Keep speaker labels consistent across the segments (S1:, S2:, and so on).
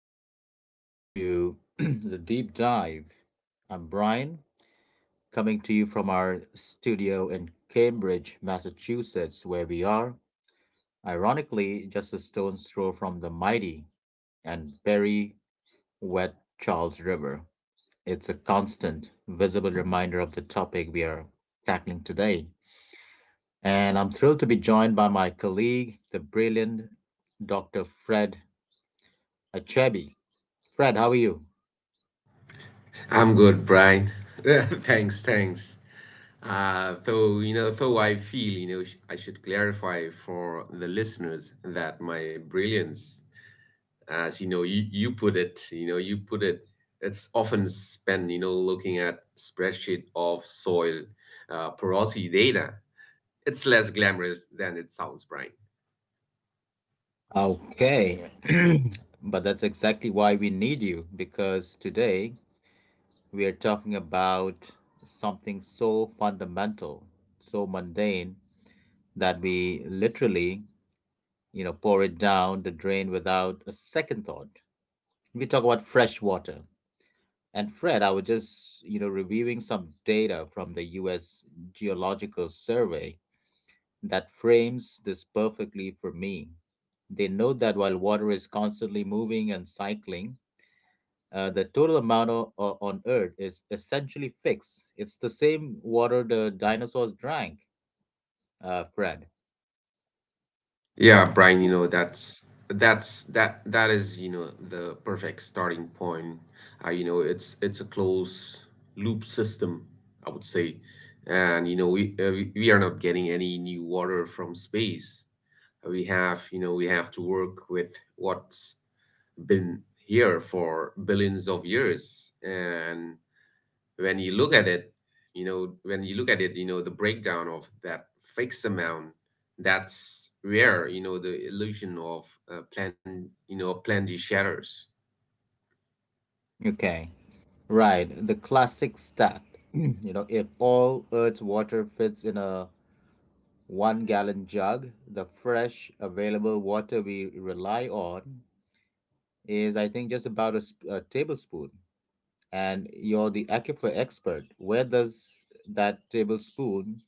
S1: Hello and welcome to the deep dive. I'm Brian, coming to you from our studio in Cambridge, Massachusetts, where we are, ironically, just a stone's throw from the mighty and very wet Charles River. It's a constant, visible reminder of the topic we are tackling today. And I'm thrilled to be joined by my colleague, the brilliant Dr. Fred Achebi. Fred, how are you?
S2: I'm good, Brian. Thanks. Though I feel, sh- I should clarify for the listeners that my brilliance, as you know, you put it, it's often spent, looking at spreadsheet of soil porosity data. It's less glamorous than it sounds, Brian.
S1: Okay. But that's exactly why we need you, because today we are talking about something so fundamental, so mundane, that we literally, pour it down the drain without a second thought. We talk about fresh water. And Fred, I was just, you know, reviewing some data from the US Geological Survey that frames this perfectly for me. They note that while water is constantly moving and cycling, the total amount on Earth is essentially fixed. It's the same water the dinosaurs drank, Fred.
S2: Yeah, Brian, you know, that is, you know, the perfect starting point. You know, it's a closed loop system, I would say. And you know, we are not getting any new water from space. We have, you know, we have to work with what's been here for billions of years. And when you look at it, you know, the breakdown of that fixed amount, that's where you know the illusion of plan you know plenty shatters.
S1: Okay, right. The classic stat. If all Earth's water fits in a 1 gallon jug, the fresh available water we rely on is, I think, just about a, a tablespoon. And you're the aquifer expert. Where does that tablespoon,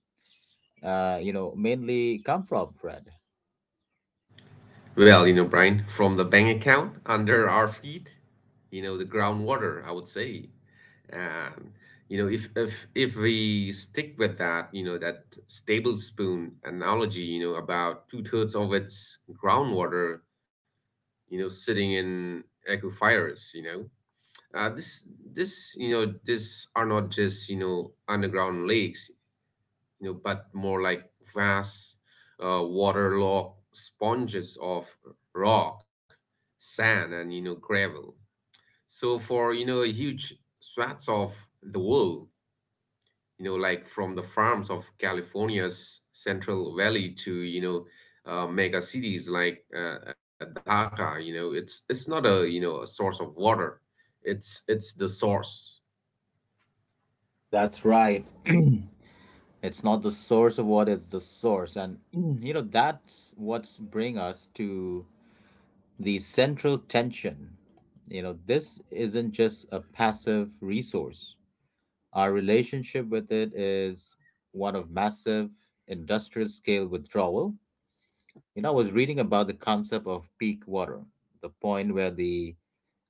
S1: mainly come from, Fred?
S2: Well, you know, Brian, from the bank account under our feet, you know, the groundwater, I would say. And you know, if we stick with that, you know, that stable spoon analogy, you know, about two-thirds of its groundwater, you know, sitting in aquifers, you know. Uh, this this you know, these are not just, you know, underground lakes, you know, but more like vast waterlogged sponges of rock, sand, and you know gravel. So for you know huge swaths of the world, you know, like from the farms of California's Central Valley to you know mega cities like Dhaka, you know it's not a, you know, a source of water, it's the source.
S1: That's right. It's not the source of what, it's the source. And you know, that's what's bring us to the central tension. You know, this isn't just a passive resource. Our relationship with it is one of massive industrial scale withdrawal. You know, I was reading about the concept of peak water, the point where the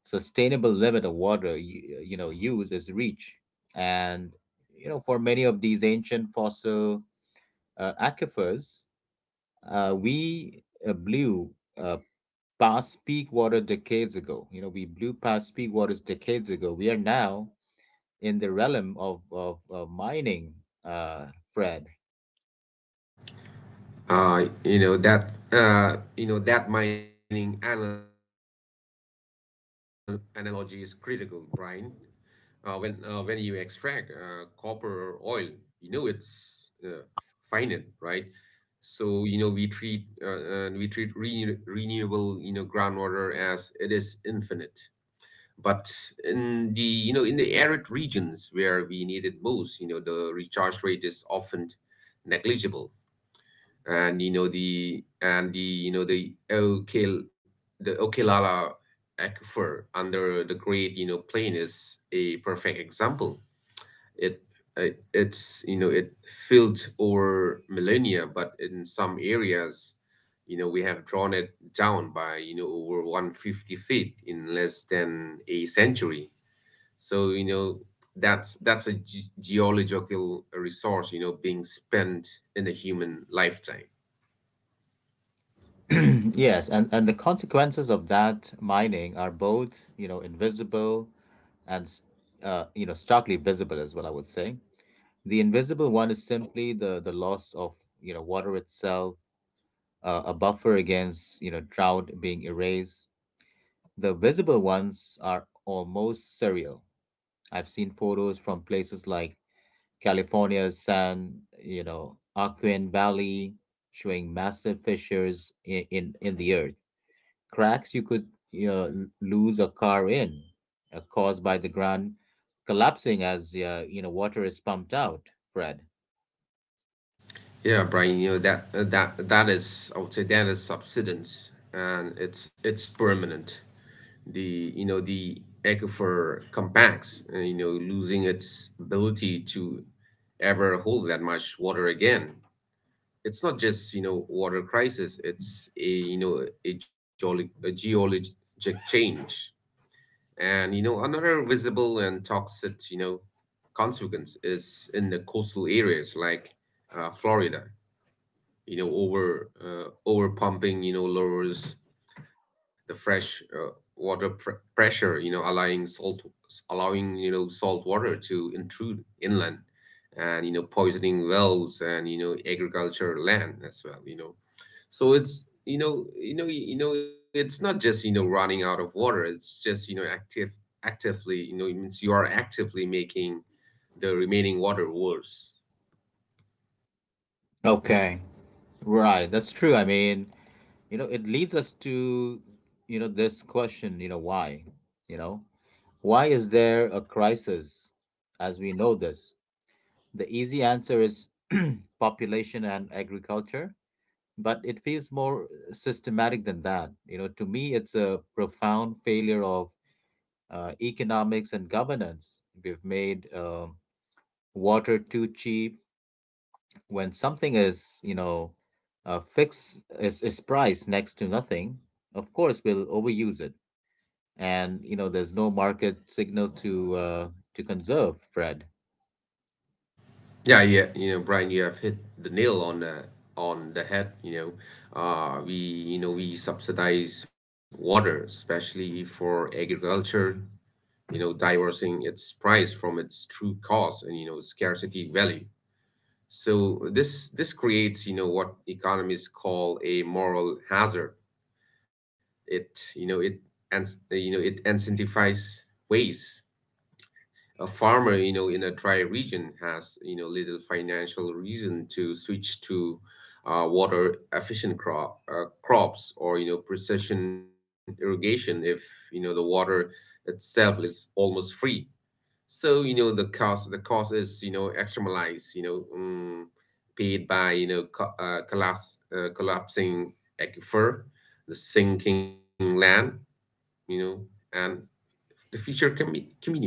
S1: sustainable limit of water you know use is reached, and you know, for many of these ancient fossil aquifers, we blew past peak water decades ago. You know, we blew past peak waters decades ago. We are now in the realm of mining, Fred.
S2: You know that analogy is critical, Brian. When you extract copper or oil, you know it's finite, right? So you know we treat renewable, you know, groundwater as it is infinite. But in the you know in the arid regions where we need it most, you know the recharge rate is often negligible, and you know the and the you know the Okil the Okilala aquifer under the Great you know plain is a perfect example. It it's you know it filled over millennia, but in some areas, you know we have drawn it down by you know over 150 feet in less than a century. So you know that's a geological resource you know being spent in a human lifetime.
S1: Yes, and the consequences of that mining are both, you know, invisible and, you know, starkly visible as well, I would say. The invisible one is simply the loss of, you know, water itself, a buffer against, you know, drought being erased. The visible ones are almost surreal. I've seen photos from places like California's San, you know, Aquin Valley showing massive fissures in the earth, cracks you could uh, lose a car in, caused by the ground collapsing as you know water is pumped out. Fred.
S2: Yeah, Brian, you know that is, I would say, that is subsidence and it's permanent. The aquifer compacts, you know, losing its ability to ever hold that much water again. It's not just you know water crisis. It's a you know a, a geologic change, and you know another visible and toxic you know consequence is in the coastal areas like Florida, you know over pumping you know lowers the fresh water pressure, you know, allowing salt, allowing you know salt water to intrude inland and you know poisoning wells and you know agriculture land as well, you know. So it's you know it's not just you know running out of water, it's just you know actively, you know, it means you are actively making the remaining water worse.
S1: Okay. Right. That's true. I mean, you know, it leads us to you know this question. You know why? You know why is there a crisis as we know this? The easy answer is population and agriculture, but it feels more systematic than that. You know, to me, it's a profound failure of economics, and governance. We've made water too cheap. When something is, fixed is priced next to nothing. Of course, we'll overuse it, and you know, there's no market signal to conserve, bread.
S2: Yeah, you know, Brian, you have hit the nail on the head. You know, we subsidize water, especially for agriculture. You know, diverting its price from its true cost and you know scarcity value. So this creates you know what economists call a moral hazard. It you know it and You know, it incentivizes waste. A farmer, you know, in a dry region has, you know, little financial reason to switch to water efficient crops or, you know, precision irrigation if, you know, the water itself is almost free. So, you know, the cost is, you know, externalized, you know, paid by, you know, collapsing aquifer, the sinking land, you know, and the future community.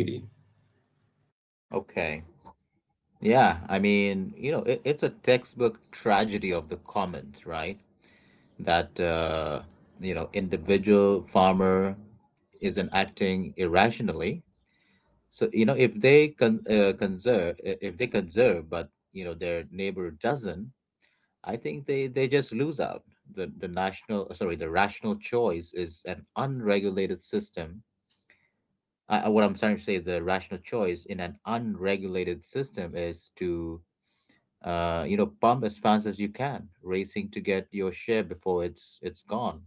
S1: Okay. Yeah, I mean, you know, it's a textbook tragedy of the commons, right? That, uh, you know, individual farmer isn't acting irrationally. So, you know, if they conserve, if they conserve, but, you know, their neighbor doesn't, I think they just lose out. The national, sorry, the rational choice is an unregulated system. What I'm trying to say, the rational choice in an unregulated system is to you know, pump as fast as you can, racing to get your share before it's gone.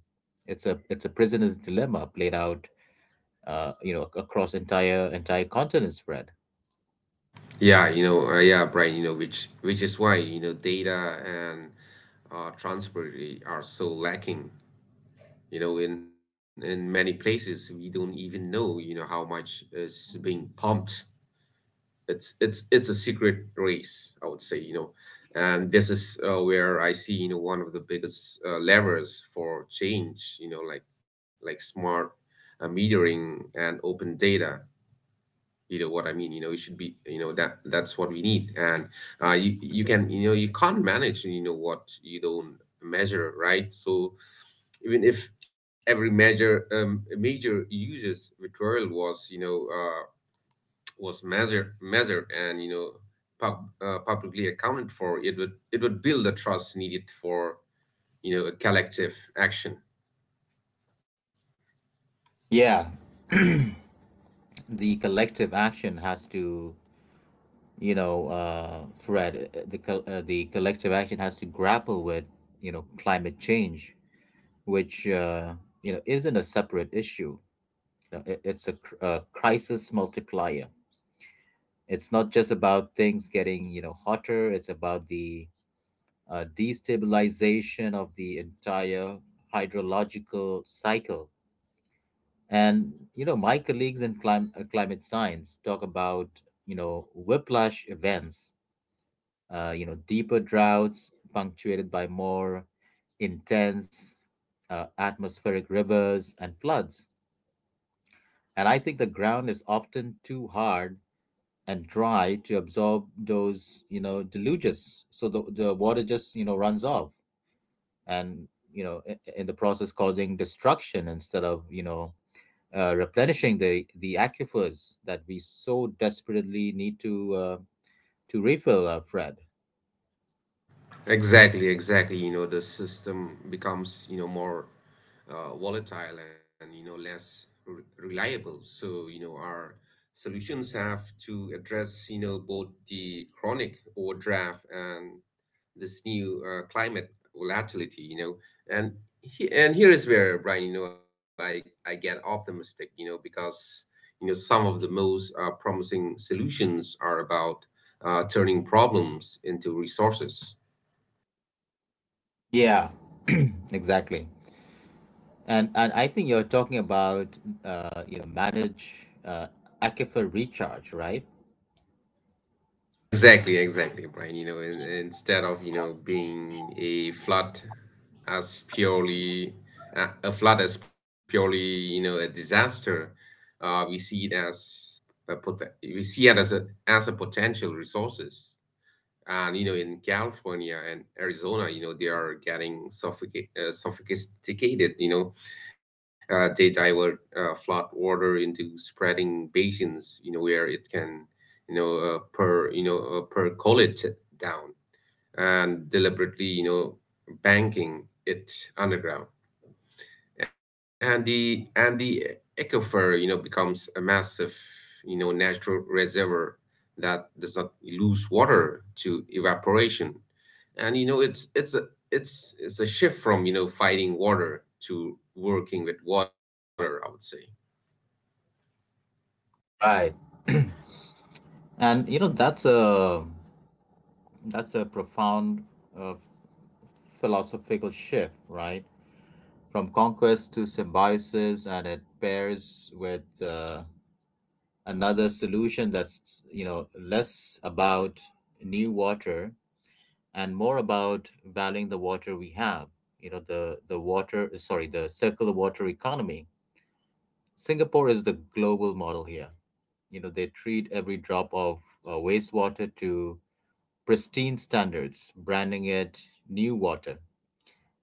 S1: It's a prisoner's dilemma played out, you know, across entire continents, Fred.
S2: Yeah, Brian, you know, which is why, you know, data and transparency are so lacking. You know, in many places, we don't even know, you know, how much is being pumped. It's a secret race, I would say, you know, and this is where I see, you know, one of the biggest levers for change, you know, like smart metering and open data, you know what I mean. You know, you should be, you know, that that's what we need. And you can, you know, you can't manage, you know, what you don't measure, right? So even if every major major users withdrawal was was measured and you know pub, publicly accounted for, it would build the trust needed for you know a collective action.
S1: Yeah, the collective action has to the collective action has to grapple with, you know, climate change, which you know isn't a separate issue. You know, it's a, a crisis multiplier. It's not just about things getting you know hotter. It's about the destabilization of the entire hydrological cycle. And you know, my colleagues in climate science talk about you know whiplash events, you know, deeper droughts punctuated by more intense atmospheric rivers and floods. And I think the ground is often too hard and dry to absorb those, you know, deluges. So the water just, you know, runs off and, you know, in the process causing destruction instead of, replenishing the aquifers that we so desperately need to refill, Fred.
S2: Exactly, exactly. You know, the system becomes, you know, more volatile and, you know, less re reliable. So, you know, our solutions have to address, you know, both the chronic overdraft and this new climate volatility, you know. And and here is where, Brian, you know, I get optimistic, you know, because, you know, some of the most promising solutions are about turning problems into resources.
S1: Yeah, exactly. And I think you're talking about you know manage aquifer recharge, right?
S2: Yeah, exactly, exactly, Brian. You know, instead of you know being as purely a flood as purely you know a disaster, we see it as a as a potential resources. And you know in California and Arizona, you know they are getting sophisticated. You know, they divert flood water into spreading basins. You know where it can, you know, percolate down and deliberately, you know, banking it underground. And the aquifer you know becomes a massive you know natural reservoir that does not lose water to evaporation. And you know it's a shift from you know fighting water to working with water, I would say.
S1: Right. And you know that's a profound uh, philosophical shift, right? From conquest to symbiosis, and it pairs with another solution that's you know less about new water and more about valuing the water we have. You know the circular water economy. Singapore is the global model here. You know, they treat every drop of wastewater to pristine standards, branding it new water.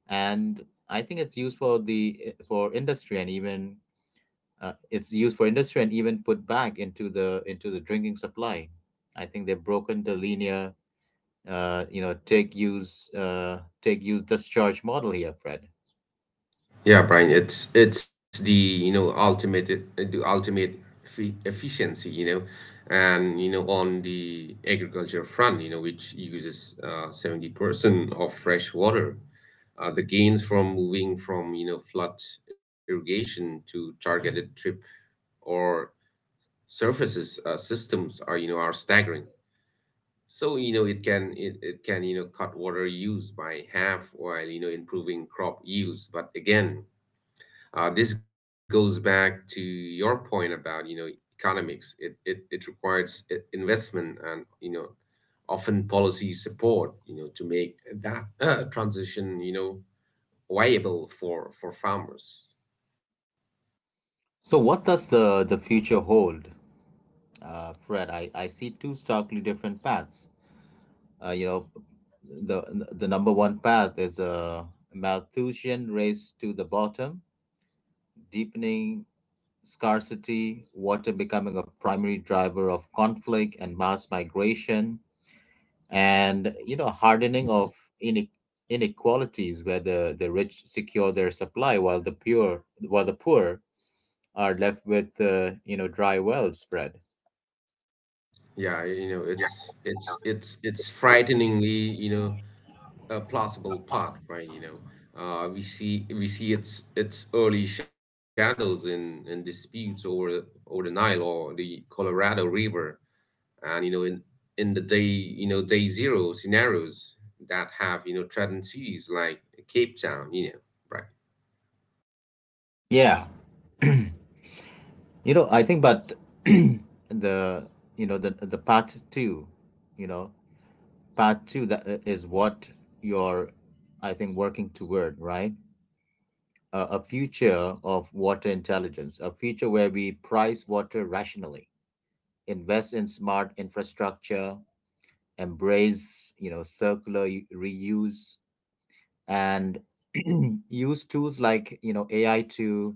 S1: And I think it's used for the for industry and even it's used for industry and even put back into the drinking supply. I think they've broken the linear take use this charge model here, Fred.
S2: Yeah, Brian, it's the ultimate efficiency, you know, and you know on the agriculture front, you know, which uses 70% of fresh water. The gains from moving from you know flood irrigation to targeted drip or surfaces systems are you know are staggering. So you know it can you know cut water use by half while you know improving crop yields. But again, this goes back to your point about you know economics. It requires investment and you know often policy support, you know, to make that transition you know viable for farmers.
S1: So, what does the future hold, Fred? I see two starkly different paths. You know, the number one path is a Malthusian race to the bottom, deepening scarcity, water becoming a primary driver of conflict and mass migration, and you know hardening of ine- inequalities where the rich secure their supply while the pure while the poor are left with you know dry well spread.
S2: Yeah, you know
S1: Yeah,
S2: it's frighteningly, you know, a plausible part, right? You know. We see its early shadows in disputes over over the Nile or the Colorado River, and you know in the day you know day zero scenarios that have you know threatened cities like Cape Town, you know, right.
S1: Yeah, you know I think, but the the part two, you know part two that is what you're I think working toward, right? A future of water intelligence, a future where we price water rationally, invest in smart infrastructure, embrace you know circular reuse, and use tools like you know AI to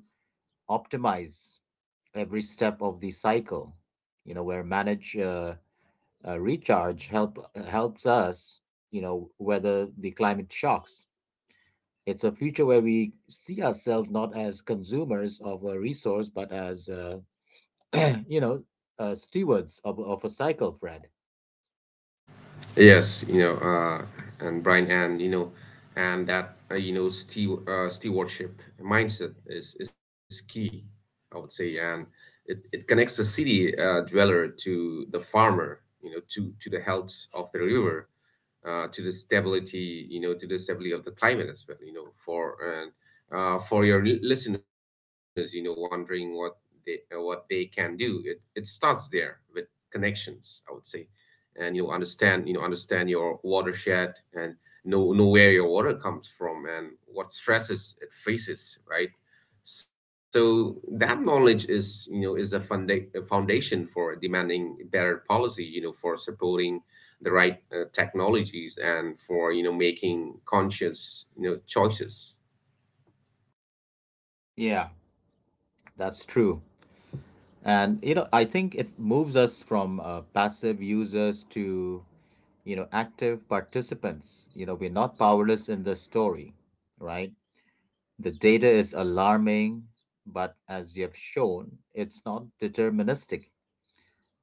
S1: optimize every step of the cycle. You know where manage recharge help helps us you know weather the climate shocks. It's a future where we see ourselves not as consumers of a resource, but as, you know, stewards of a cycle, Fred.
S2: Yes, you know, and Brian, and you know and that stewardship mindset is key, I would say. And it connects the city dweller to the farmer, you know, to the health of the river, to the stability, you know, to the stability of the climate as well, you know, for and for your listeners, you know, wondering what they can do. It starts there with connections, I would say, and you know, understand your watershed, and know where your water comes from and what stresses it faces, right? So that knowledge is, you know, is a a foundation for demanding better policy, you know, for supporting the right technologies and for you know making conscious you know choices.
S1: Yeah, that's true. And you know, I think it moves us from passive users to you know active participants. You know, we're not powerless in this story, right? The data is alarming, but as you have shown, it's not deterministic.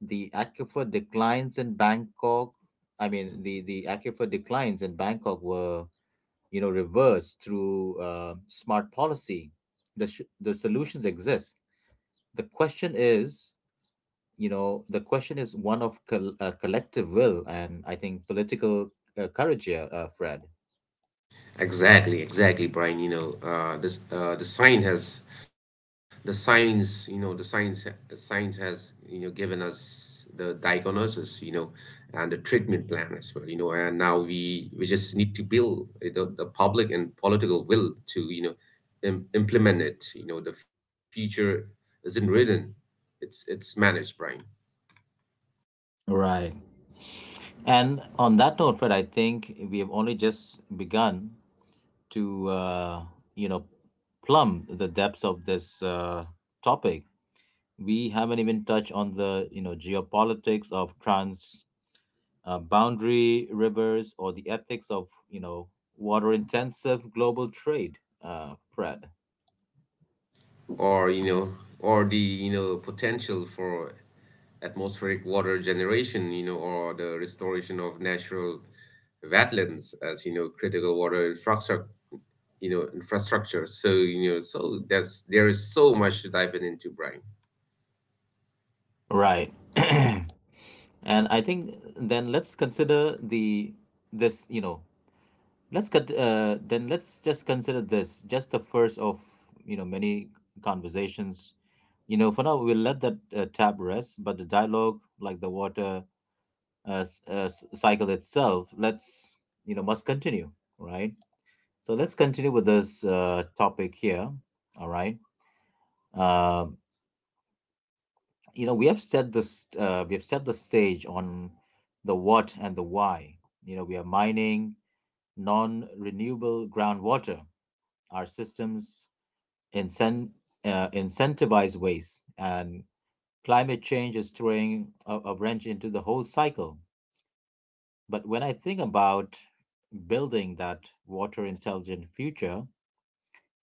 S1: The aquifer declines in Bangkok, I mean, the aquifer declines in Bangkok were, you know, reversed through smart policy. The solutions exist. The question is, the question is one of collective will and I think political courage here, Fred.
S2: Exactly, exactly, Brian. You know, this the sign has the science, you know, the science has you know given us the diagnosis, you know, and the treatment plan as well, you know. And now we just need to build the public and political will to you know implement it. You know, the future isn't written. It's managed, Brian.
S1: Right. And on that note, Fred, I think we have only just begun to you know plumb the depths of this topic. We haven't even touched on the you know geopolitics of trans boundary rivers or the ethics of you know water intensive global trade. Fred,
S2: Or you know or the you know potential for atmospheric water generation, you know, or the restoration of natural wetlands as you know critical water infrastructure. So you know so that's there is so much to dive in into, Brian.
S1: right? and I think then let's consider the this you know Let's cut. Then let's just consider this just the first of you know many conversations. You know, for now we'll let that tab rest, but the dialogue, like the water cycle itself, let's you know must continue, right? So let's continue with this topic here. All right. Um, you know, we have set this. We have set the stage on the what and the why. You know, we are mining non-renewable groundwater, our systems incent- incentivized ways. And climate change is throwing a wrench into the whole cycle. But when I think about building that water intelligent future,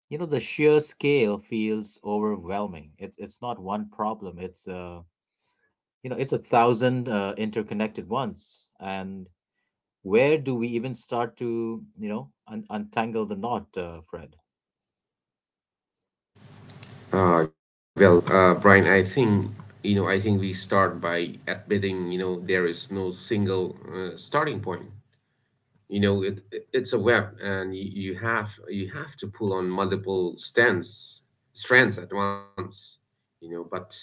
S1: you know, the sheer scale feels overwhelming. It's not one problem. It's you know, it's a thousand interconnected ones. And where do we even start to, you know, untangle the knot, Fred?
S2: Well, Brian, I think you know. I think we start by admitting there is no single starting point. It's a web, and you have to pull on multiple stands strands at once, but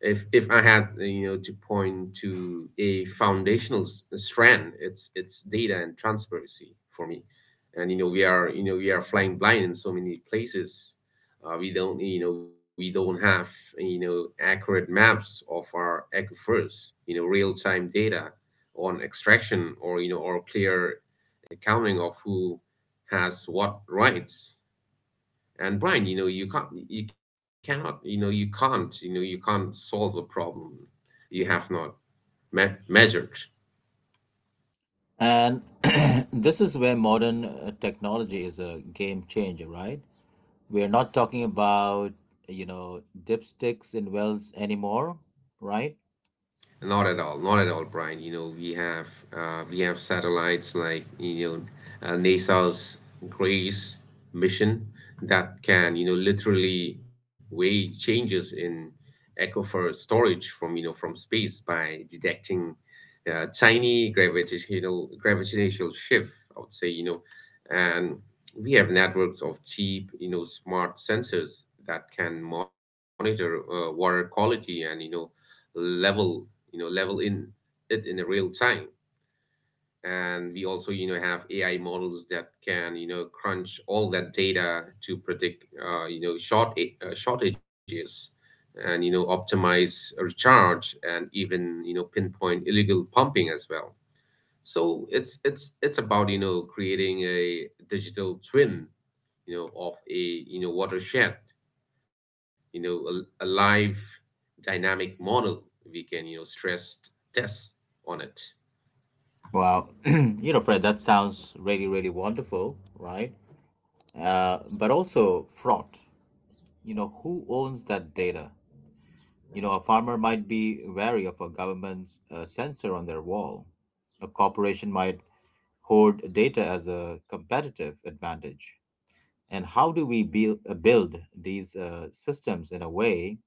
S2: if I had to point to a foundational strand, it's data and transparency for me. And we are flying blind in so many places. We don't have accurate maps of our aquifers, real time data on extraction, or you know or clear accounting of who has what rights. And Brian, you know you can't you cannot you know you can't you know you can't solve a problem you have not measured.
S1: And this is where modern technology is a game changer, right? We are not talking about, you know, dipsticks in wells anymore, right?
S2: Not at all, not at all, Brian. We have satellites like NASA's Grace mission that can literally weigh changes in aquifer storage from you know from space, by detecting tiny gravitational shift. I would say. And we have networks of cheap smart sensors that can monitor water quality and level in it in a real time. And we also have AI models that can crunch all that data to predict shortages, and optimize recharge, and even pinpoint illegal pumping as well. So it's about creating a digital twin of a watershed, you know a live dynamic model we can stress test on it.
S1: Wow. you know, Fred, that sounds really, really wonderful, right? But also fraught. You know, who owns that data? You know, a farmer might be wary of a government's sensor on their wall. A corporation might hoard data as a competitive advantage. And how do we build, these systems in a way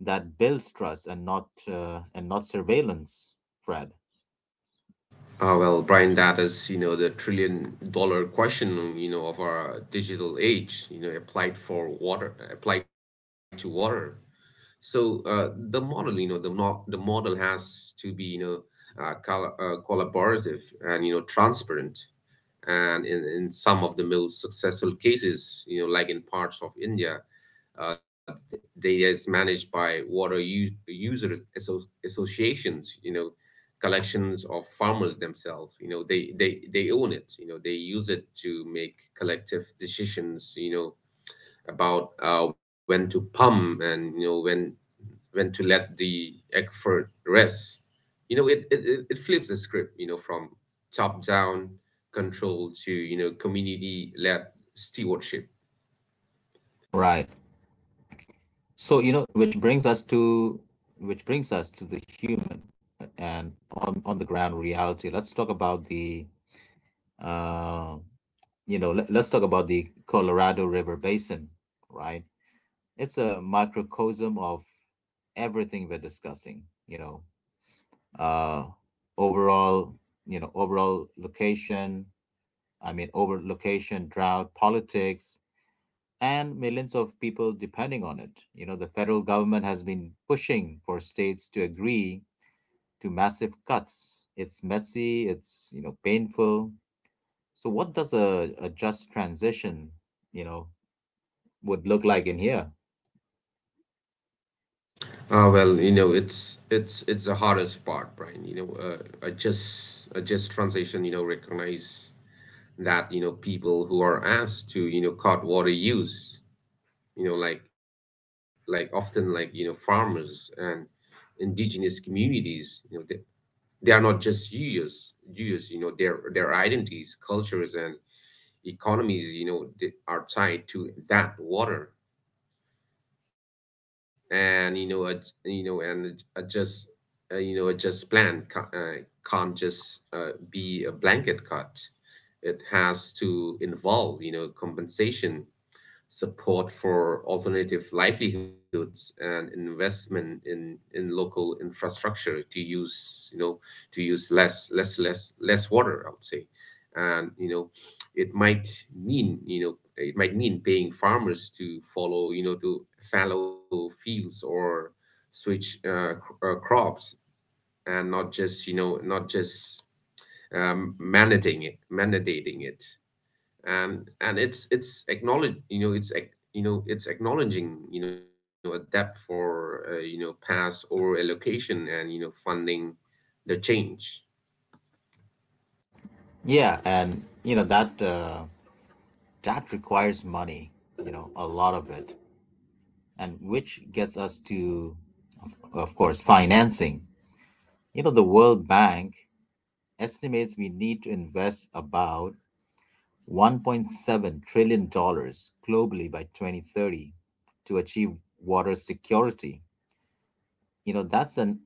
S1: that builds trust and not surveillance, Fred?
S2: Well, Brian, that is the trillion dollar question of our digital age, applied to water. So the model has to be collaborative and transparent. And in some of the most successful cases, like in parts of India, data is managed by water user associations. Collections of farmers themselves. They own it. They use it to make collective decisions, about when to pump, and when to let the effort rest. It flips the script, from top down control to, community led stewardship.
S1: Right. So you know, which brings us to the human and on the ground reality. Uh, let's talk about the Colorado River Basin, right? It's a microcosm of everything we're discussing. You know, uh, overall, you know, overall Over location, drought, politics, and millions of people depending on it. The federal government has been pushing for states to agree to massive cuts. It's messy, it's painful. So, what does a just transition, you know, would look like in here?
S2: It's the hardest part, Brian. I just transition, recognize that people who are asked to cut water use, like often like farmers and indigenous communities, they are not just Jews. Jews, their identities, cultures, and economies, they are tied to that water, and you know, and a, a just, a just plan can't just be a blanket cut. It has to involve, compensation support for alternative livelihoods, and investment in local infrastructure to use you know to use less water, I would say. And it might it might mean paying farmers to follow you know to fallow fields, or switch crops, and not just mandating it. And it's acknowledging a depth for pass or allocation, and funding the change.
S1: Yeah, and that requires money, a lot of it. And which gets us to, of course, financing. The world bank estimates we need to invest about 1.7 trillion dollars globally by 2030 to achieve water security. you know that's an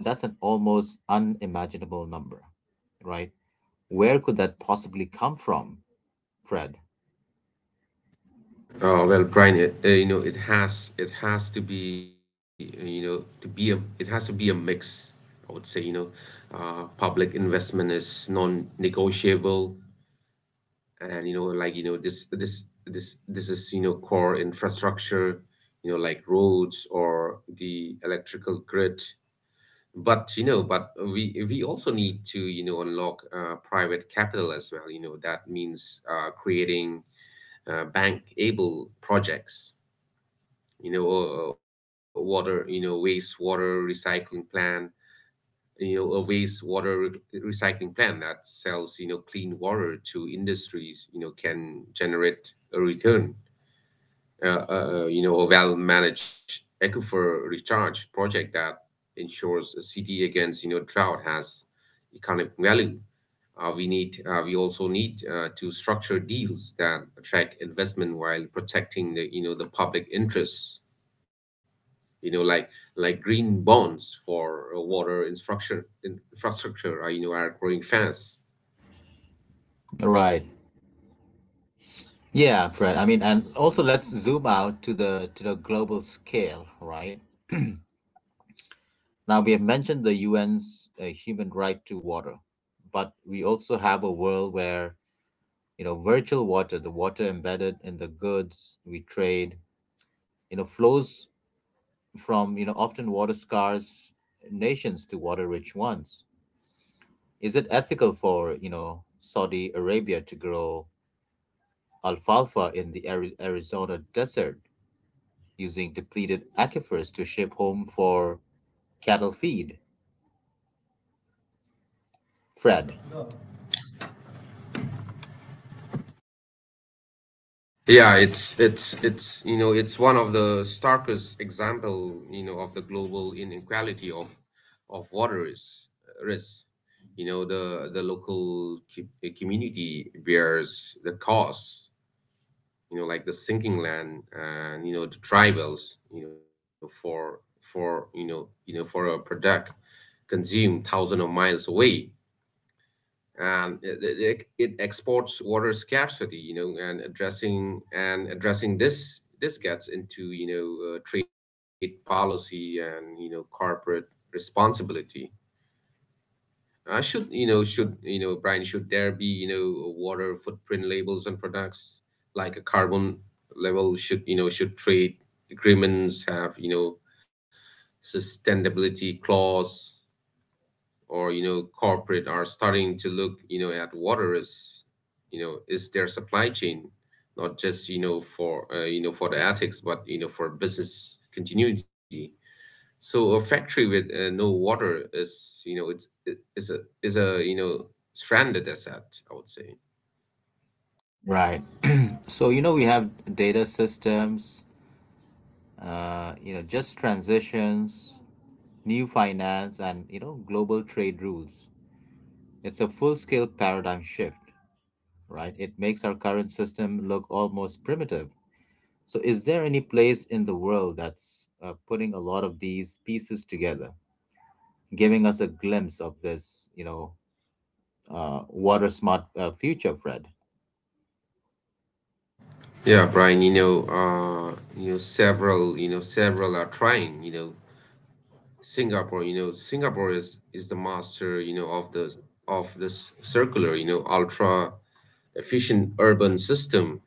S1: that's an almost unimaginable number, right? Where could that possibly come from, fred?
S2: Oh well, Brian, it, you know it has to be you know to be a it has to be a mix, I would say. Public investment is non-negotiable, and this is core infrastructure, like roads or the electrical grid. But you know but we also need to unlock private capital as well. That means creating bank able projects, you know water you know wastewater recycling plan. You know a wastewater recycling plan that sells clean water to industries can generate a return. A well-managed aquifer recharge project that ensures a city against, drought, has economic value. We also need to structure deals that attract investment while protecting the public interests. You know, like like green bonds for water infrastructure, are growing fast.
S1: Right. Yeah, Fred. I mean, and also let's zoom out to the global scale, right? Now, we have mentioned the UN's human right to water, but we also have a world where, virtual water, the water embedded in the goods we trade, flows from, often water scarce nations to water rich ones. Is it ethical for, Saudi Arabia to grow alfalfa in the Arizona desert using depleted aquifers to ship home for cattle feed? Fred.
S2: Yeah, it's you know it's one of the starkest example of the global inequality of water is risk. The local community bears the cost. Like the sinking land, and the dry wells. For a product, consumed thousands of miles away. It exports water scarcity. And addressing this gets into trade policy, and corporate responsibility. I should you know brian should there be water footprint labels on products like a carbon level? Should trade agreements have sustainability clause? Or you know Corporate are starting to look at water as is their supply chain, not just for for the ethics, but for business continuity. So a factory with no water is, it's it is a stranded asset, I would say.
S1: Right. So, we have data systems, just transitions, new finance, and, global trade rules. It's a full scale paradigm shift, right? It makes our current system look almost primitive. So, is there any place in the world that's putting a lot of these pieces together, giving us a glimpse of this, water smart future, Fred?
S2: Yeah, Brian. Several several are trying. Singapore, Singapore is the master of the of this circular, ultra efficient urban system.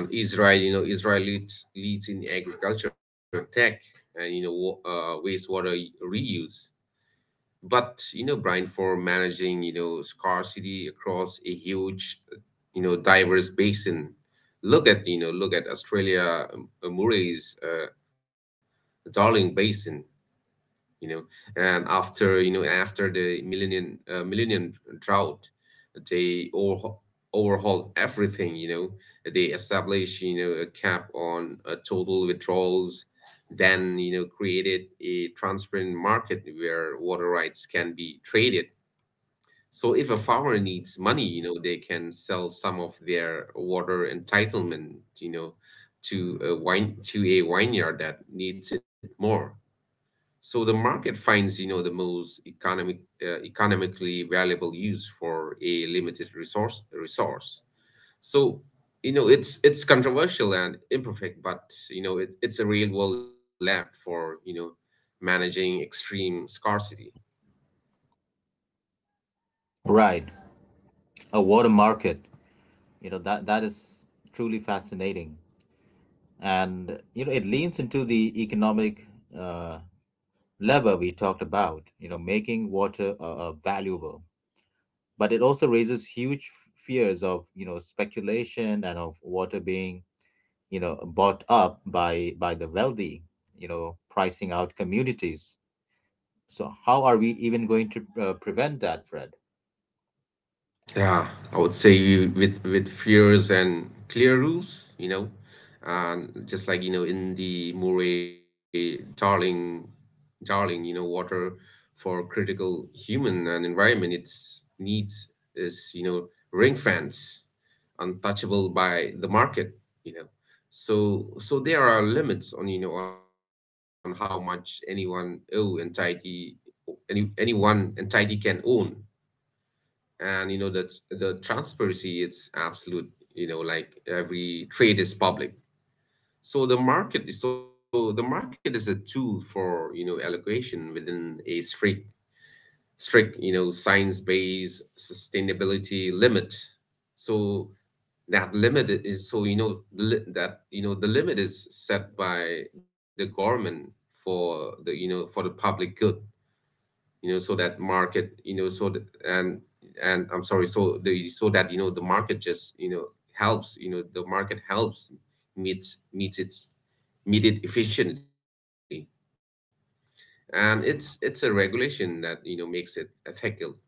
S2: Israel leads in agriculture, tech, and wastewater reuse. But Brian, for managing scarcity across a huge, diverse basin, look at Australia, Murray's Darling Basin. you know and after you know after the millennium drought, they overhaul everything. They establish a cap on total withdrawals, then created a transparent market where water rights can be traded. So if a farmer needs money, they can sell some of their water entitlement, you know to a vineyard that needs it more. So the market finds, the most economically valuable use for a limited resource. So, it's controversial and imperfect, but it's a real world lab for, managing extreme scarcity.
S1: Right. A water market, that is truly fascinating. And it leans into the economic uh, lever we talked about, making water valuable. But it also raises huge fears of speculation and of water being bought up by the wealthy, pricing out communities. So how are we even going to prevent that, fred?
S2: Yeah, I would say with fears and clear rules, and just like in the Murray Darling, water for critical human and environment. Its needs is ring fence, untouchable by the market, you know. So there are limits on on how much any one entity can own, and the transparency, it's absolute. Like every trade is public. So the market is a tool for allocation within a strict science based sustainability limit. So that limit is so you know the, li- that you know the limit is set by the government for the public good. You know so that market you know so that, and I'm sorry the market just you know the market helps meets meets its meet it efficiently. And it's a regulation that makes it ethical.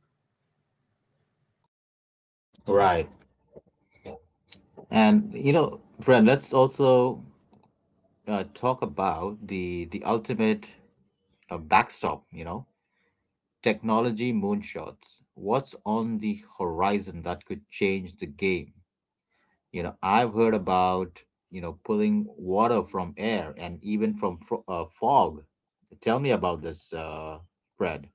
S1: Right. And Fred, let's also talk about the ultimate backstop, technology moonshots. What's on the horizon that could change the game? I've heard about, pulling water from air and even from fog. Tell me about this, Fred.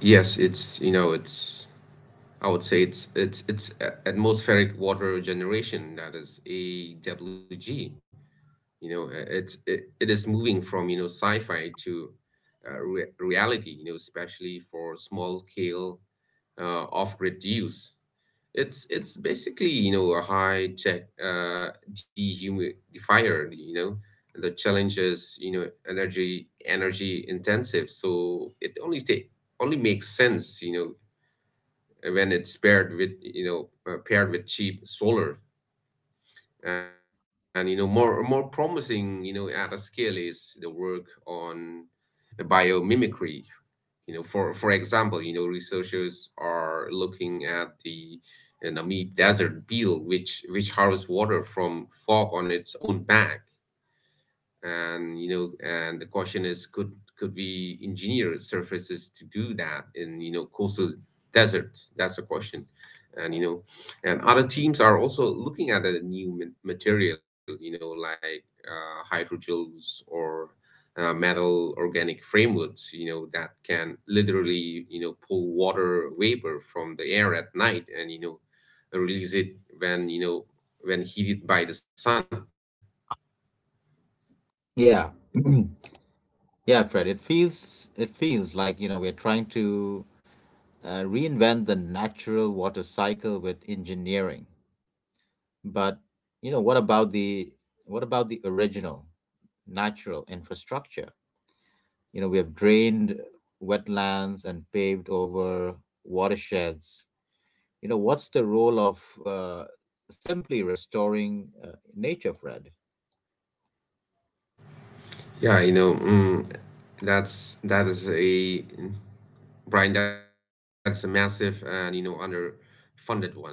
S2: Yes, it's you know it's I would say it's atmospheric water generation, that is AWG. It is moving from sci-fi to reality, especially for small scale off-grid use. It's basically a high tech dehumidifier. The challenge is, energy intensive, so it only take only makes sense when it's paired with cheap solar. And more promising at a scale is the work on the biomimicry. For example, researchers are looking at the Namib desert beetle, which harvests water from fog on its own back. And you know and the question is, could we engineer surfaces to do that in coastal deserts? That's the question. And you know And other teams are also looking at a new material, like hydrogels, or metal organic frameworks that can literally pull water vapor from the air at night, and Release it when when heated by the sun.
S1: Yeah. Yeah, Fred, it feels like, we're trying to reinvent the natural water cycle with engineering. But, you know, what about the what about the original natural infrastructure? We have drained wetlands and paved over watersheds. What's the role of simply restoring nature, Fred?
S2: Yeah, you know, that is a Brian. That's a massive and underfunded one. You know,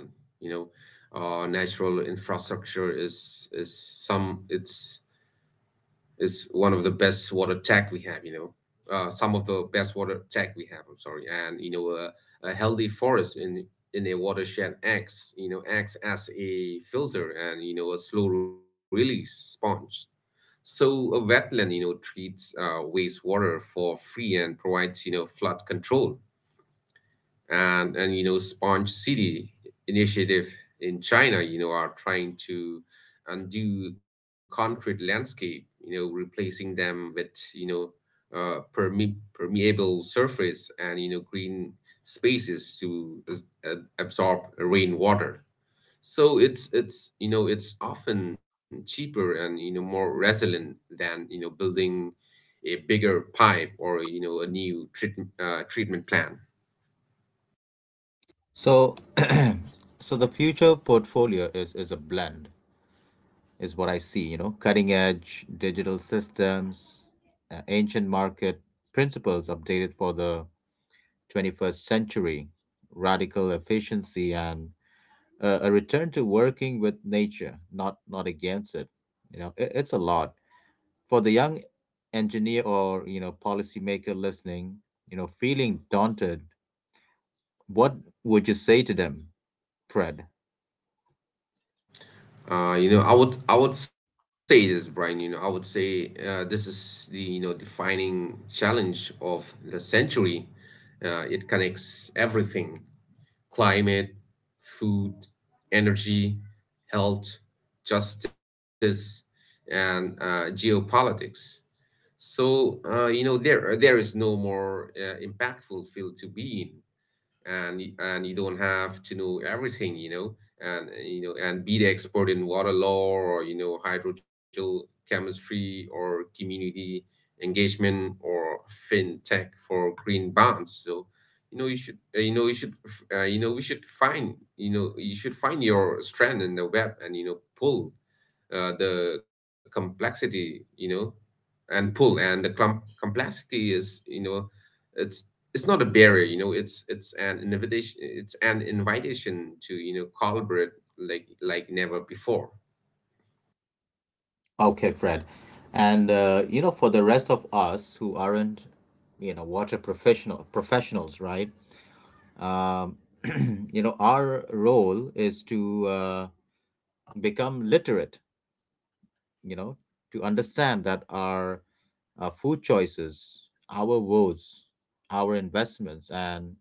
S2: natural infrastructure is some it's is one of the best water tech we have. You know, some of the best water tech we have. I'm sorry, and you know, a healthy forest in a watershed acts acts as a filter and a slow release sponge. So a wetland, you know, treats wastewater for free and provides, you know, flood control. And you know, Sponge City initiative in China, you know, are trying to undo concrete landscape, you know, replacing them with, you know, permeable surface and green spaces to absorb rainwater. So it's it's often cheaper and more resilient than building a bigger pipe or a new treatment plan.
S1: So, the future portfolio is a blend, is what I see. Cutting edge digital systems, ancient market principles updated for the 21st century, radical efficiency, and a return to working with nature, not against it. It's a lot. For the young engineer or policymaker listening, feeling daunted, what would you say to them, fred?
S2: You know I would say this, Brian. You know I would say this is the defining challenge of the century. It connects everything: climate, food, energy, health, justice, and geopolitics. So you know there is no more impactful field to be in, and you don't have to know everything, and you know and be the expert in water law or hydrogel chemistry or community engagement or fintech for green bonds. So you know you should you know you know we should find you should find your strand in the web and pull the complexity, and pull and the clump complexity is, you know, it's it's not a barrier, you know, it's an invitation, it's an invitation to collaborate like never before.
S1: Okay, fred. And for the rest of us who aren't, water professionals, right? um, our role is to become literate, you know to understand that our food choices, our votes, our investments, and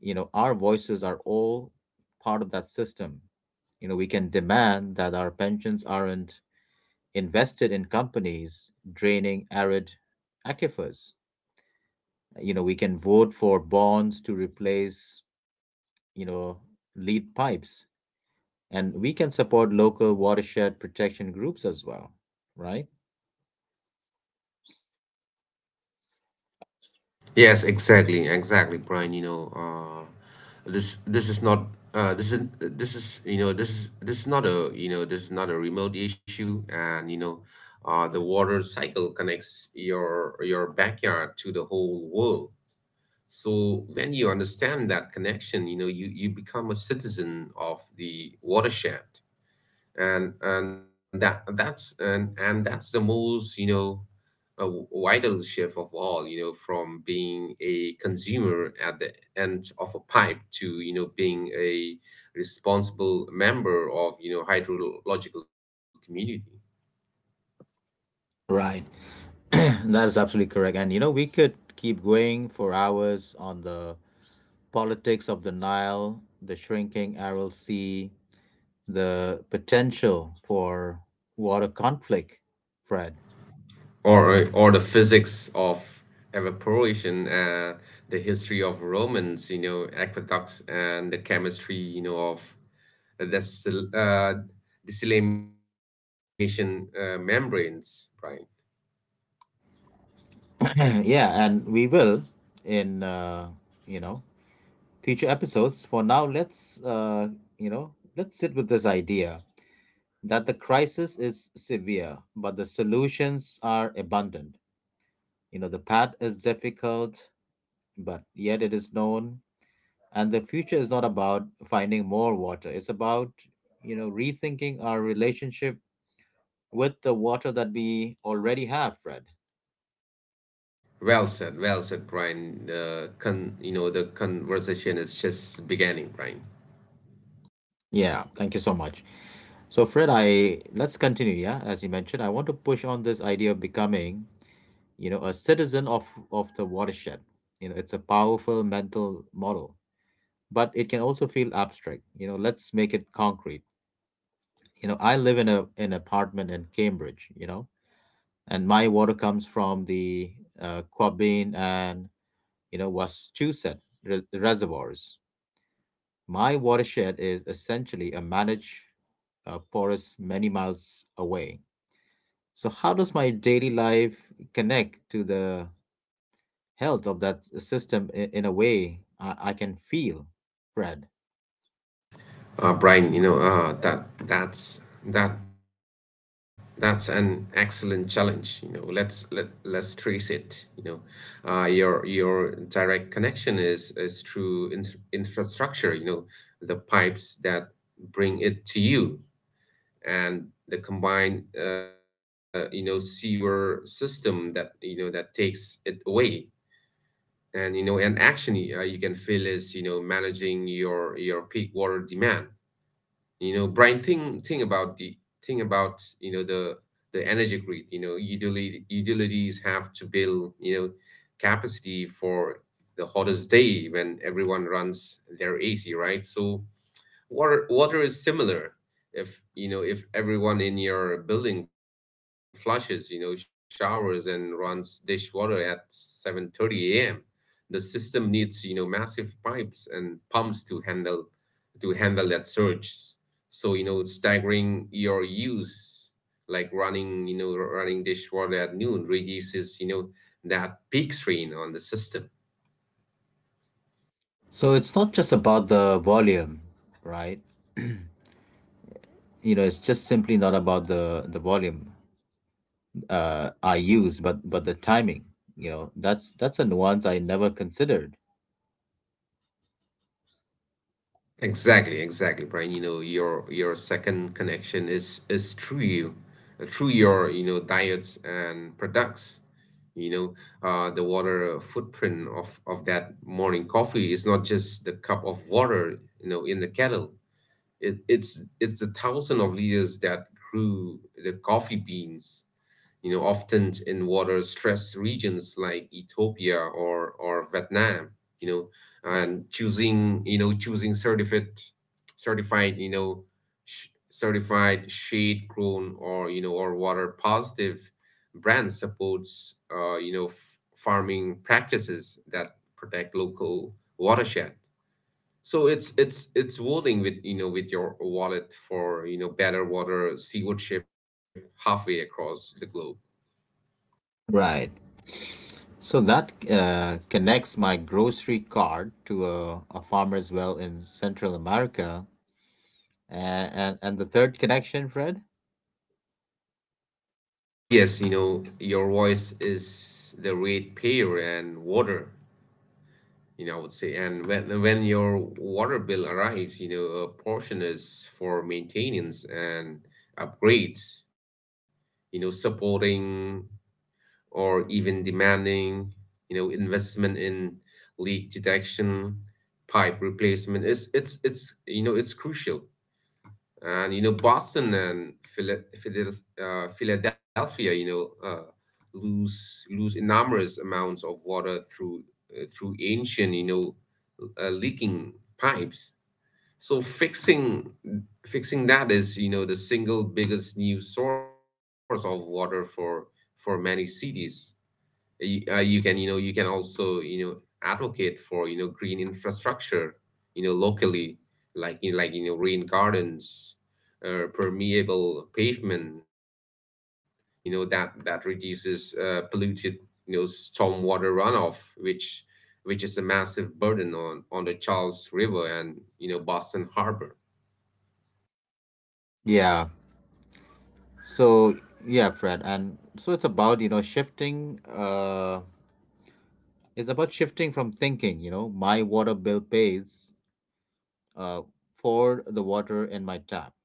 S1: our voices are all part of that system. We can demand that our pensions aren't invested in companies draining arid aquifers. We can vote for bonds to replace you know lead pipes. And we can support local watershed protection groups as well, right?
S2: Yes, exactly, exactly, Brian. You know, this is not this is you know this is not a this is not a remote issue, and you know, the water cycle connects your backyard to the whole world. So when you understand that connection, you know, you become a citizen of the watershed. And that's the most, you know, a vital shift of all, you know, from being a consumer at the end of a pipe to, you know, being a responsible member of, you know, hydrological community.
S1: Right. That is absolutely correct. And we could keep going for hours on the politics of the Nile, the shrinking Aral Sea, the potential for water conflict, Fred.
S2: Or the physics of evaporation, the history of romans, you know, aqueducts, and the chemistry, you know, of the sil- uh, desalination membranes, right?
S1: Yeah, and we will, in you know future episodes. For now, let's you know let's sit with this idea that the crisis is severe, but the solutions are abundant. The path is difficult, but yet it is known. And the future is not about finding more water. It's about rethinking our relationship with the water that we already have, Fred.
S2: Well said, Brian. You know, the conversation is just beginning, Brian.
S1: Yeah, thank you so much. So Fred, I let's continue, yeah, as you mentioned, I want to push on this idea of becoming, a citizen of the watershed. It's a powerful mental model, but it can also feel abstract. Let's make it concrete. I live in a an apartment in Cambridge, and my water comes from the Quabbin and, Wachusett reservoirs. My watershed is essentially a managed forest many miles away. So, how does my daily life connect to the health of that system in a way I can feel, Fred?
S2: Brian, you know, that that's an excellent challenge. You know, let's trace it. You know, your direct connection is through infrastructure. You know, the pipes that bring it to you and the combined, you know, sewer system that you know that takes it away, and you know and actually you can feel is you know managing your peak water demand. You know, Brian, think about the think about you know the energy grid, you know, utilities have to build, you know, capacity for the hottest day when everyone runs their ac, right? So water water is similar. If you know if everyone in your building flushes, you know, showers and runs dishwater at 7:30 a.m., the system needs, you know, massive pipes and pumps to handle that surge. So, you know, staggering your use, like running, you know, running dishwater at noon reduces, you know, that peak strain on the system.
S1: So, it's not just about the volume, right? It's just simply not about the volume I use, but the timing. That's a nuance I never considered.
S2: Exactly, exactly, Brian. You know, your second connection is through you, through your you know diets and products. You know, the water footprint of that morning coffee is not just the cup of water, you know, in the kettle. It's the thousand of leaders that grew the coffee beans, you know, often in water-stressed regions like Ethiopia or Vietnam, you know, and choosing certificate certified, you know, certified shade grown or, you know, or water positive brands supports, you know, farming practices that protect local watershed. So it's it's voting with, you know, with your wallet for, you know, better water stewardship halfway across the globe.
S1: Right. So that connects my grocery card to a farmer's well in Central America. And the third connection, Fred?
S2: Ah yes, you know, your voice is the ratepayer and water. You know I would say, and when your water bill arrives, you know a portion is for maintenance and upgrades. You know supporting, or even demanding, you know, investment in leak detection, pipe replacement. It's you know it's crucial. And you know Boston and Philadelphia, you know, lose enormous amounts of water through through ancient, you know, leaking pipes. So fixing that is, you know, the single biggest new source of water for many cities. You can, you know, you can also, you know, advocate for, you know, green infrastructure, you know, locally, like, you know, rain gardens or permeable pavement, you know, that reduces polluted, you know, stormwater runoff, which is a massive burden on the Charles River and, you know, Boston Harbor.
S1: Yeah. So, yeah, Fred. And so it's about, shifting from thinking, my water bill pays uh, for the water in my tap,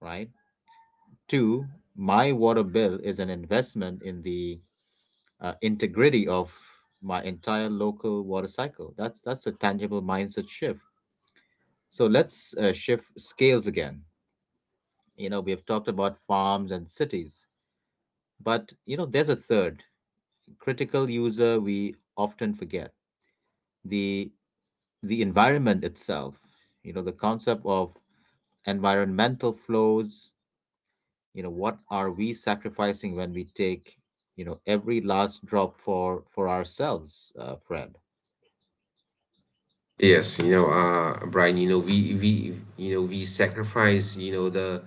S1: right? To, my water bill is an investment in the integrity of my entire local water cycle. That's a tangible mindset shift. So let's shift scales again. We have talked about farms and cities, but there's a third critical user we often forget: the the environment itself. The concept of environmental flows. What are we sacrificing when we take every last drop for ourselves, Fred?
S2: Yes, you know, Brian, you know, we you know we sacrifice, you know,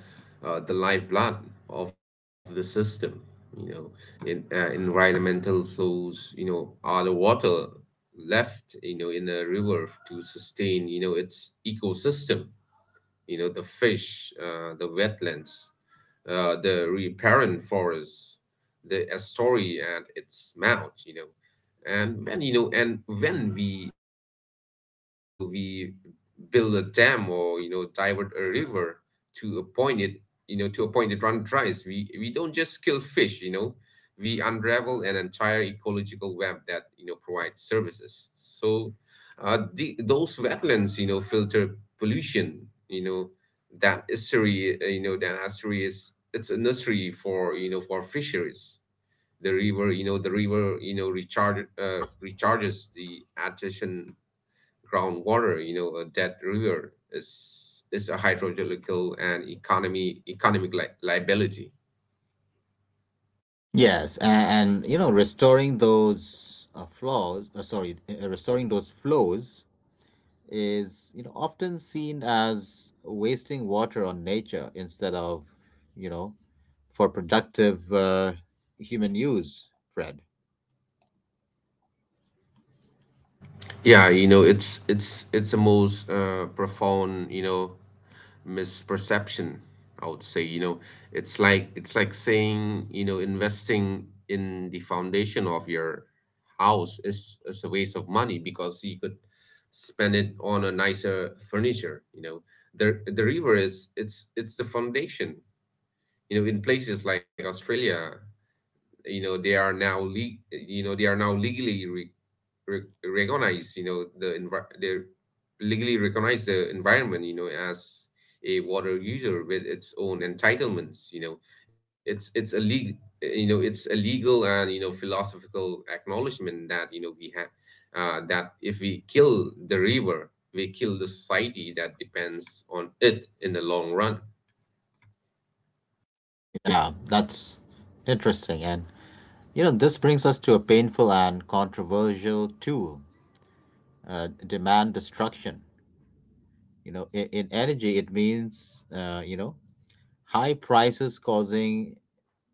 S2: the lifeblood of the system, you know, in environmental flows, you know, are the water left, you know, in a river to sustain, you know, its ecosystem, you know, the fish, the wetlands, the riparian forests, the estuary at its mouth, you know. And when you know and when we you know we build a dam or, you know, divert a river to a point it you know to a point it run dries, we don't just kill fish, you know, we unravel an entire ecological web that, you know, provides services. So those wetlands, you know, filter pollution, you know, that estuary you know that estuary is serious. It's a nursery for, you know, for fisheries. The river, you know, the river, you know, recharges the artesian groundwater. You know, a dead river is a hydrological and economy economic liability.
S1: Yes, and, restoring those restoring those flows is, often seen as wasting water on nature instead of, you know, for productive human use, Fred.
S2: Yeah, you know, it's the most profound, you know, misperception, I would say, you know. It's like saying, you know, investing in the foundation of your house is a waste of money because you could spend it on a nicer furniture, you know. The river is, it's the foundation. You know, in places like australia, you know, they are now le- you know they are now legally re- recognize you know the envi- they legally recognize the environment, you know, as a water user with its own entitlements, you know. It's a legal, you know, it's a legal and, you know, philosophical acknowledgement that, you know, we have, that if we kill the river, we kill the society that depends on it in the long run.
S1: Yeah, that's interesting. And, this brings us to a painful and controversial tool, demand destruction. In energy, it means, high prices causing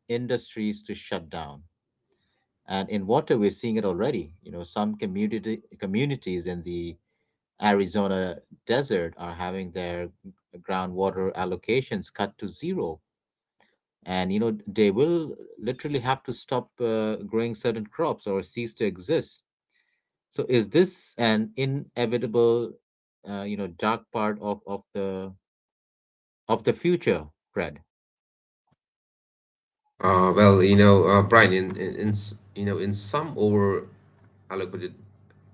S1: industries to shut down. And in water, we're seeing it already. Some community communities in the Arizona desert are having their groundwater allocations cut to zero. And they will literally have to stop growing certain crops or cease to exist. So, is this an inevitable, dark part of the future, Fred?
S2: Well, you know, Brian, you know, in some over allocated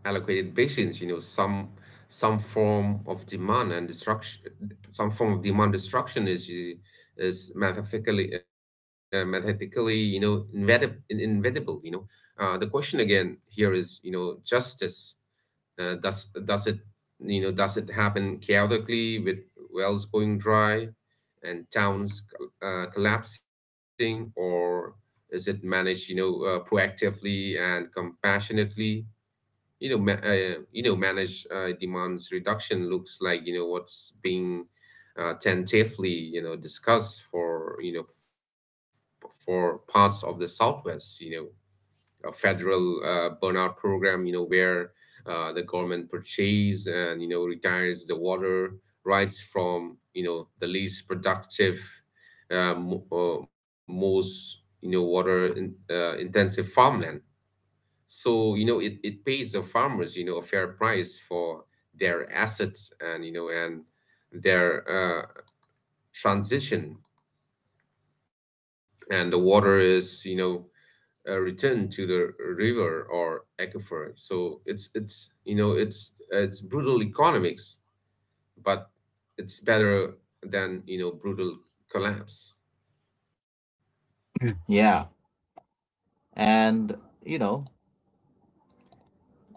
S2: allocated basins, you know, some form of some form of demand destruction is mathematically you know, inevitable, you know. The question again here is, you know, justice. Does it you know does it happen chaotically with wells going dry and towns collapsing, or is it managed, you know, proactively and compassionately? You know, you know, managed demands reduction looks like, you know, what's being tentatively, you know, discussed for, you know, for parts of the Southwest. You know, a federal burnout program, you know, where the government purchases and, you know, retires the water rights from, you know, the least productive, most, you know, water intensive farmland. So, you know, it pays the farmers, you know, a fair price for their assets and, you know, and their transition. And the water is, you know, return to the river or aquifer. So it's you know it's brutal economics, but it's better than, you know, brutal collapse.
S1: Yeah, and you know,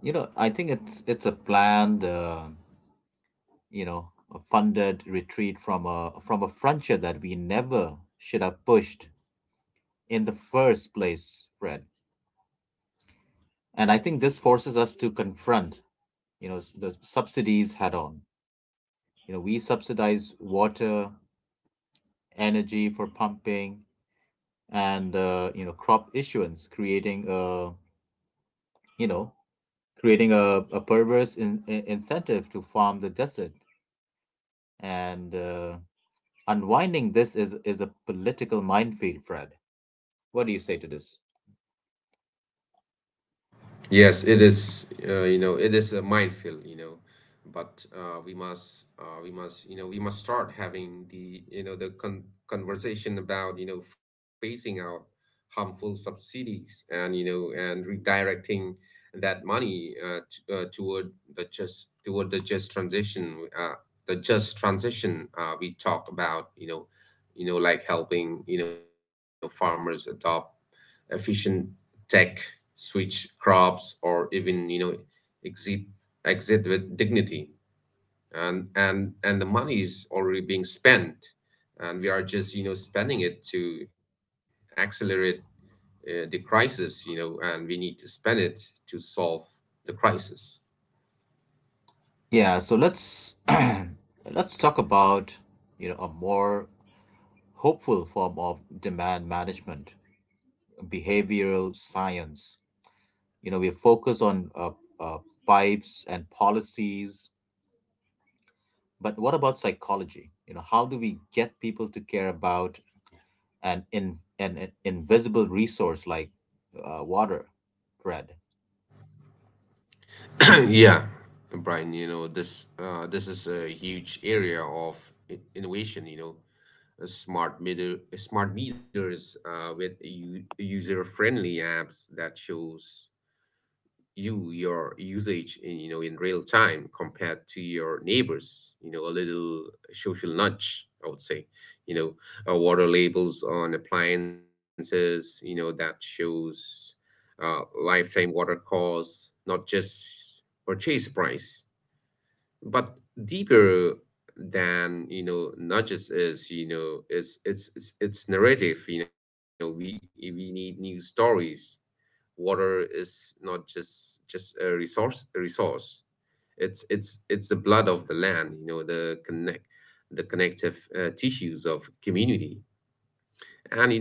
S1: I think it's a planned. You know, a funded retreat from a frontier that we never should have pushed in the first place, Fred. And I think this forces us to confront, the subsidies head on. We subsidize water, energy for pumping, and crop issuance, you know, creating a perverse incentive to farm the desert. And unwinding this is a political minefield, Fred. What do you say to this?
S2: Yes, it is. You know, it is a minefield. You know, but we must, you know, we must start having the, you know, the con conversation about, you know, phasing out harmful subsidies and, you know, and redirecting that money t toward the just transition, uh, we talk about. Like helping farmers adopt efficient tech, switch crops, or even exit exit with dignity. And the money is already being spent, and we are just spending it to accelerate the crisis. You know, and we need to spend it to solve the crisis.
S1: Yeah, so let's let's talk about a more hopeful form of demand management, behavioral science. We focus on uh, pipes and policies, but what about psychology? How do we get people to care about an invisible resource like water, Fred?
S2: Yeah, Brian, you know, this is a huge area of innovation, you know, smart meters with user-friendly apps that shows you your usage in, you know, in real time compared to your neighbors, you know, a little social nudge, I would say, you know. Water labels on appliances, you know, that shows lifetime water costs, not just purchase price, but deeper than, you know, not just is you know is it's narrative. You know, we need new stories. Water is not just a resource, it's it's the blood of the land, you know, the connective tissues of community.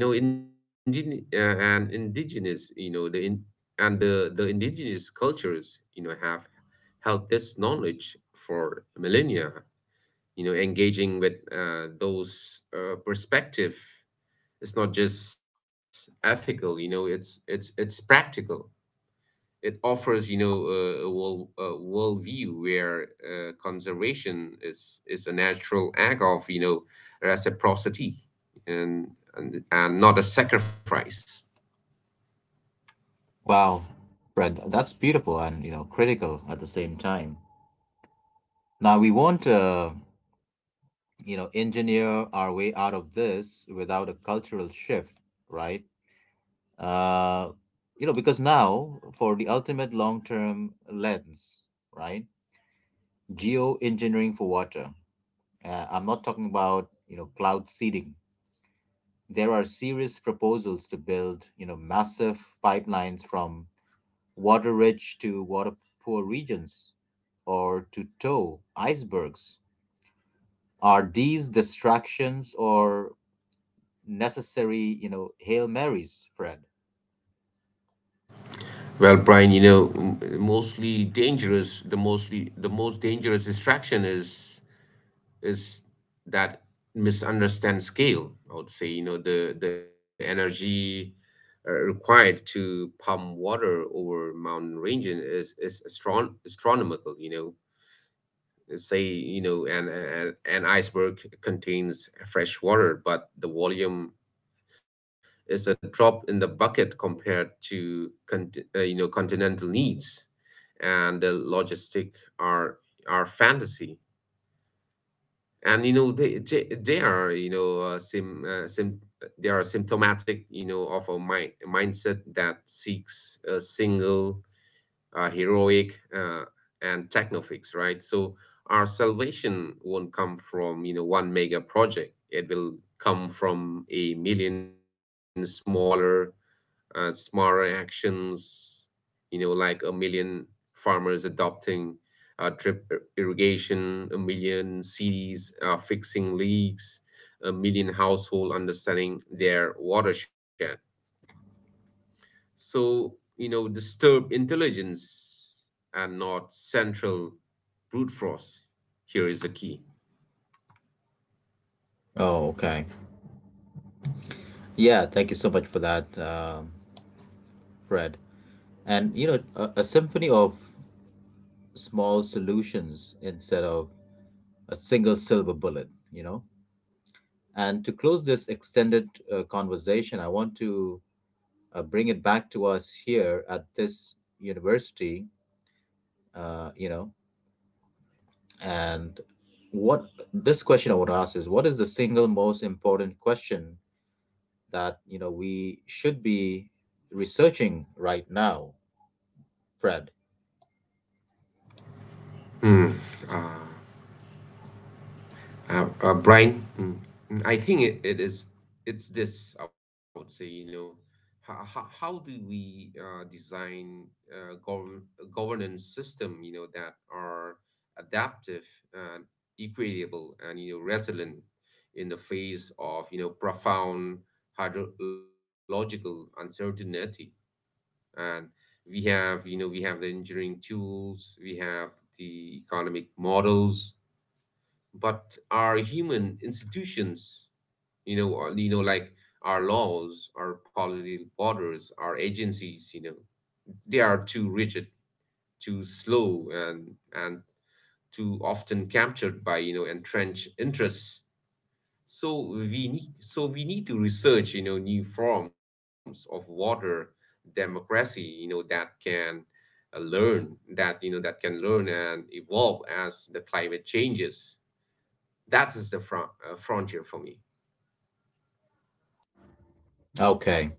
S2: And you know indigenous and indigenous you know the in and the indigenous cultures, you know, have held this knowledge for millennia. You know, engaging with those perspective is not just ethical, you know, it's it's practical. It offers, you know, a worldview where conservation is a natural act of, you know, reciprocity, and and not a sacrifice.
S1: Wow, Fred, that's beautiful and critical at the same time. Now we won't. Engineer our way out of this without a cultural shift, right? uh because now for the ultimate long-term lens, right? Geoengineering for water. I'm not talking about cloud seeding. There are serious proposals to build massive pipelines from water rich to water poor regions, or to tow icebergs. Are these distractions or necessary, Hail Marys, Fred?
S2: Well, Brian, you know, m- mostly dangerous, the mostly the most dangerous distraction is that misunderstand scale. I would say, you know, the energy required to pump water over mountain ranges is astronomical. You know, let's say, you know, an iceberg contains fresh water, but the volume is a drop in the bucket compared to you know, continental needs, and the logistic are fantasy. And you know they are, you know, sim, sim they are symptomatic, you know, of a mindset that seeks a single heroic, and techno fix, right? So our salvation won't come from, you know, one mega project. It will come from a million smaller, smarter actions, you know, like a million farmers adopting irrigation, a million cities fixing leaks, a million household understanding their watershed. So, you know, disturb intelligence and not central brute force here is the key.
S1: Oh, okay. Yeah, thank you so much for that, Fred. And a symphony of small solutions instead of a single silver bullet. And to close this extended conversation, I want to bring it back to us here at this university, uh, you know. And what this question I want to ask is, what is the single most important question that we should be researching right now, Fred?
S2: Hmm. ah, Brian, I think it is, it's this, I would say, you know, how do we design governance system, you know, that are adaptive and equitable and, you know, resilient in the face of, you know, profound hydrological uncertainty. And we have the engineering tools, we have the economic models, but our human institutions, you know, or, you know, like our laws, our policy borders, our agencies, you know, they are too rigid, too slow, and and too often captured by, you know, entrenched interests. So we need to research, you know, new forms of water democracy, you know, that can learn that you know that can learn and evolve as the climate changes. That is the frontier for me.
S1: Okay.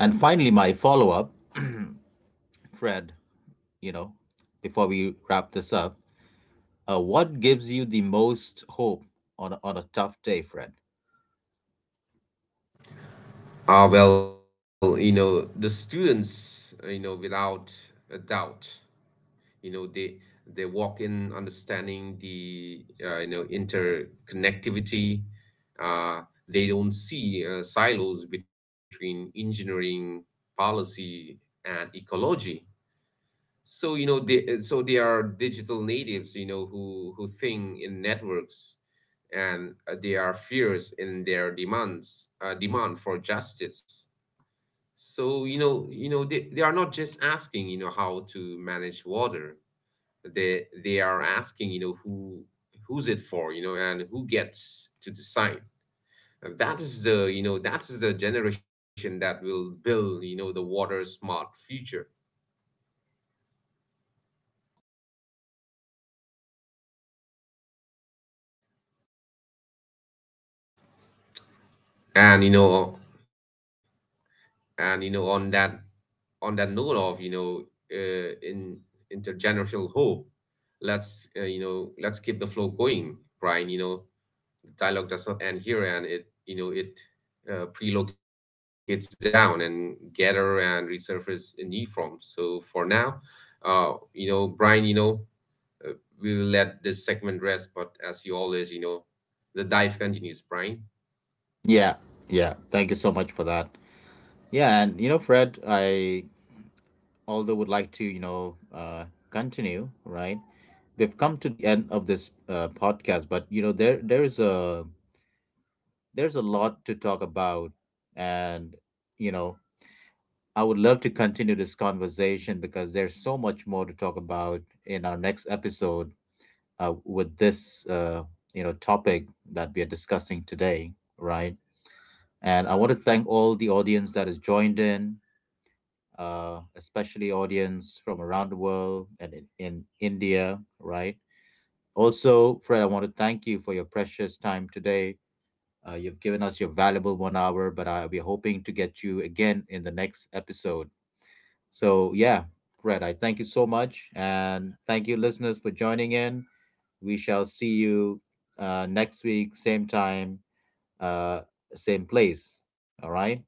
S1: And finally, my follow up, Fred, you know, before we wrap this up, what gives you the most hope on a tough day, Fred?
S2: Ah, well, you know, the students, you know, without a doubt. You know, they walk in understanding the, you know, interconnectivity. uh, they don't see silos between engineering, policy, and ecology. So, you know, they are digital natives, you know, who think in networks, and they are fierce in their demands, demand for justice. So, you know, you know, they are not just asking, you know, how to manage water. They are asking, you know, who who's it for, you know, and who gets to decide. And that is the, you know, that is the generation that will build, you know, the water smart future. And, you know, and, you know, on that, note of, you know, in intergenerational hope, let's, you know, let's keep the flow going, Brian. You know, dialogue does not end here, and it, you know, it prelocates down and gather and resurface in new form. So for now, you know, Brian, you know, uh, we will let this segment rest, but as you always, you know, the dive continues, Brian.
S1: Yeah, yeah. Thank you so much for that. Yeah, and Fred, I although would like to, continue, right? We've come to the end of this podcast, but there's a lot to talk about. And you know I would love to continue this conversation, because there's so much more to talk about in our next episode, with this topic that we are discussing today, right? And I want to thank all the audience that has joined in, especially audience from around the world and in India, right? Also Fred, I want to thank you for your precious time today. You've given us your valuable 1 hour, but we're hoping to get you again in the next episode. So, yeah, Fred, I thank you so much. And thank you, listeners, for joining in. We shall see you next week, same time, uh, same place. All right.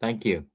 S1: Thank you.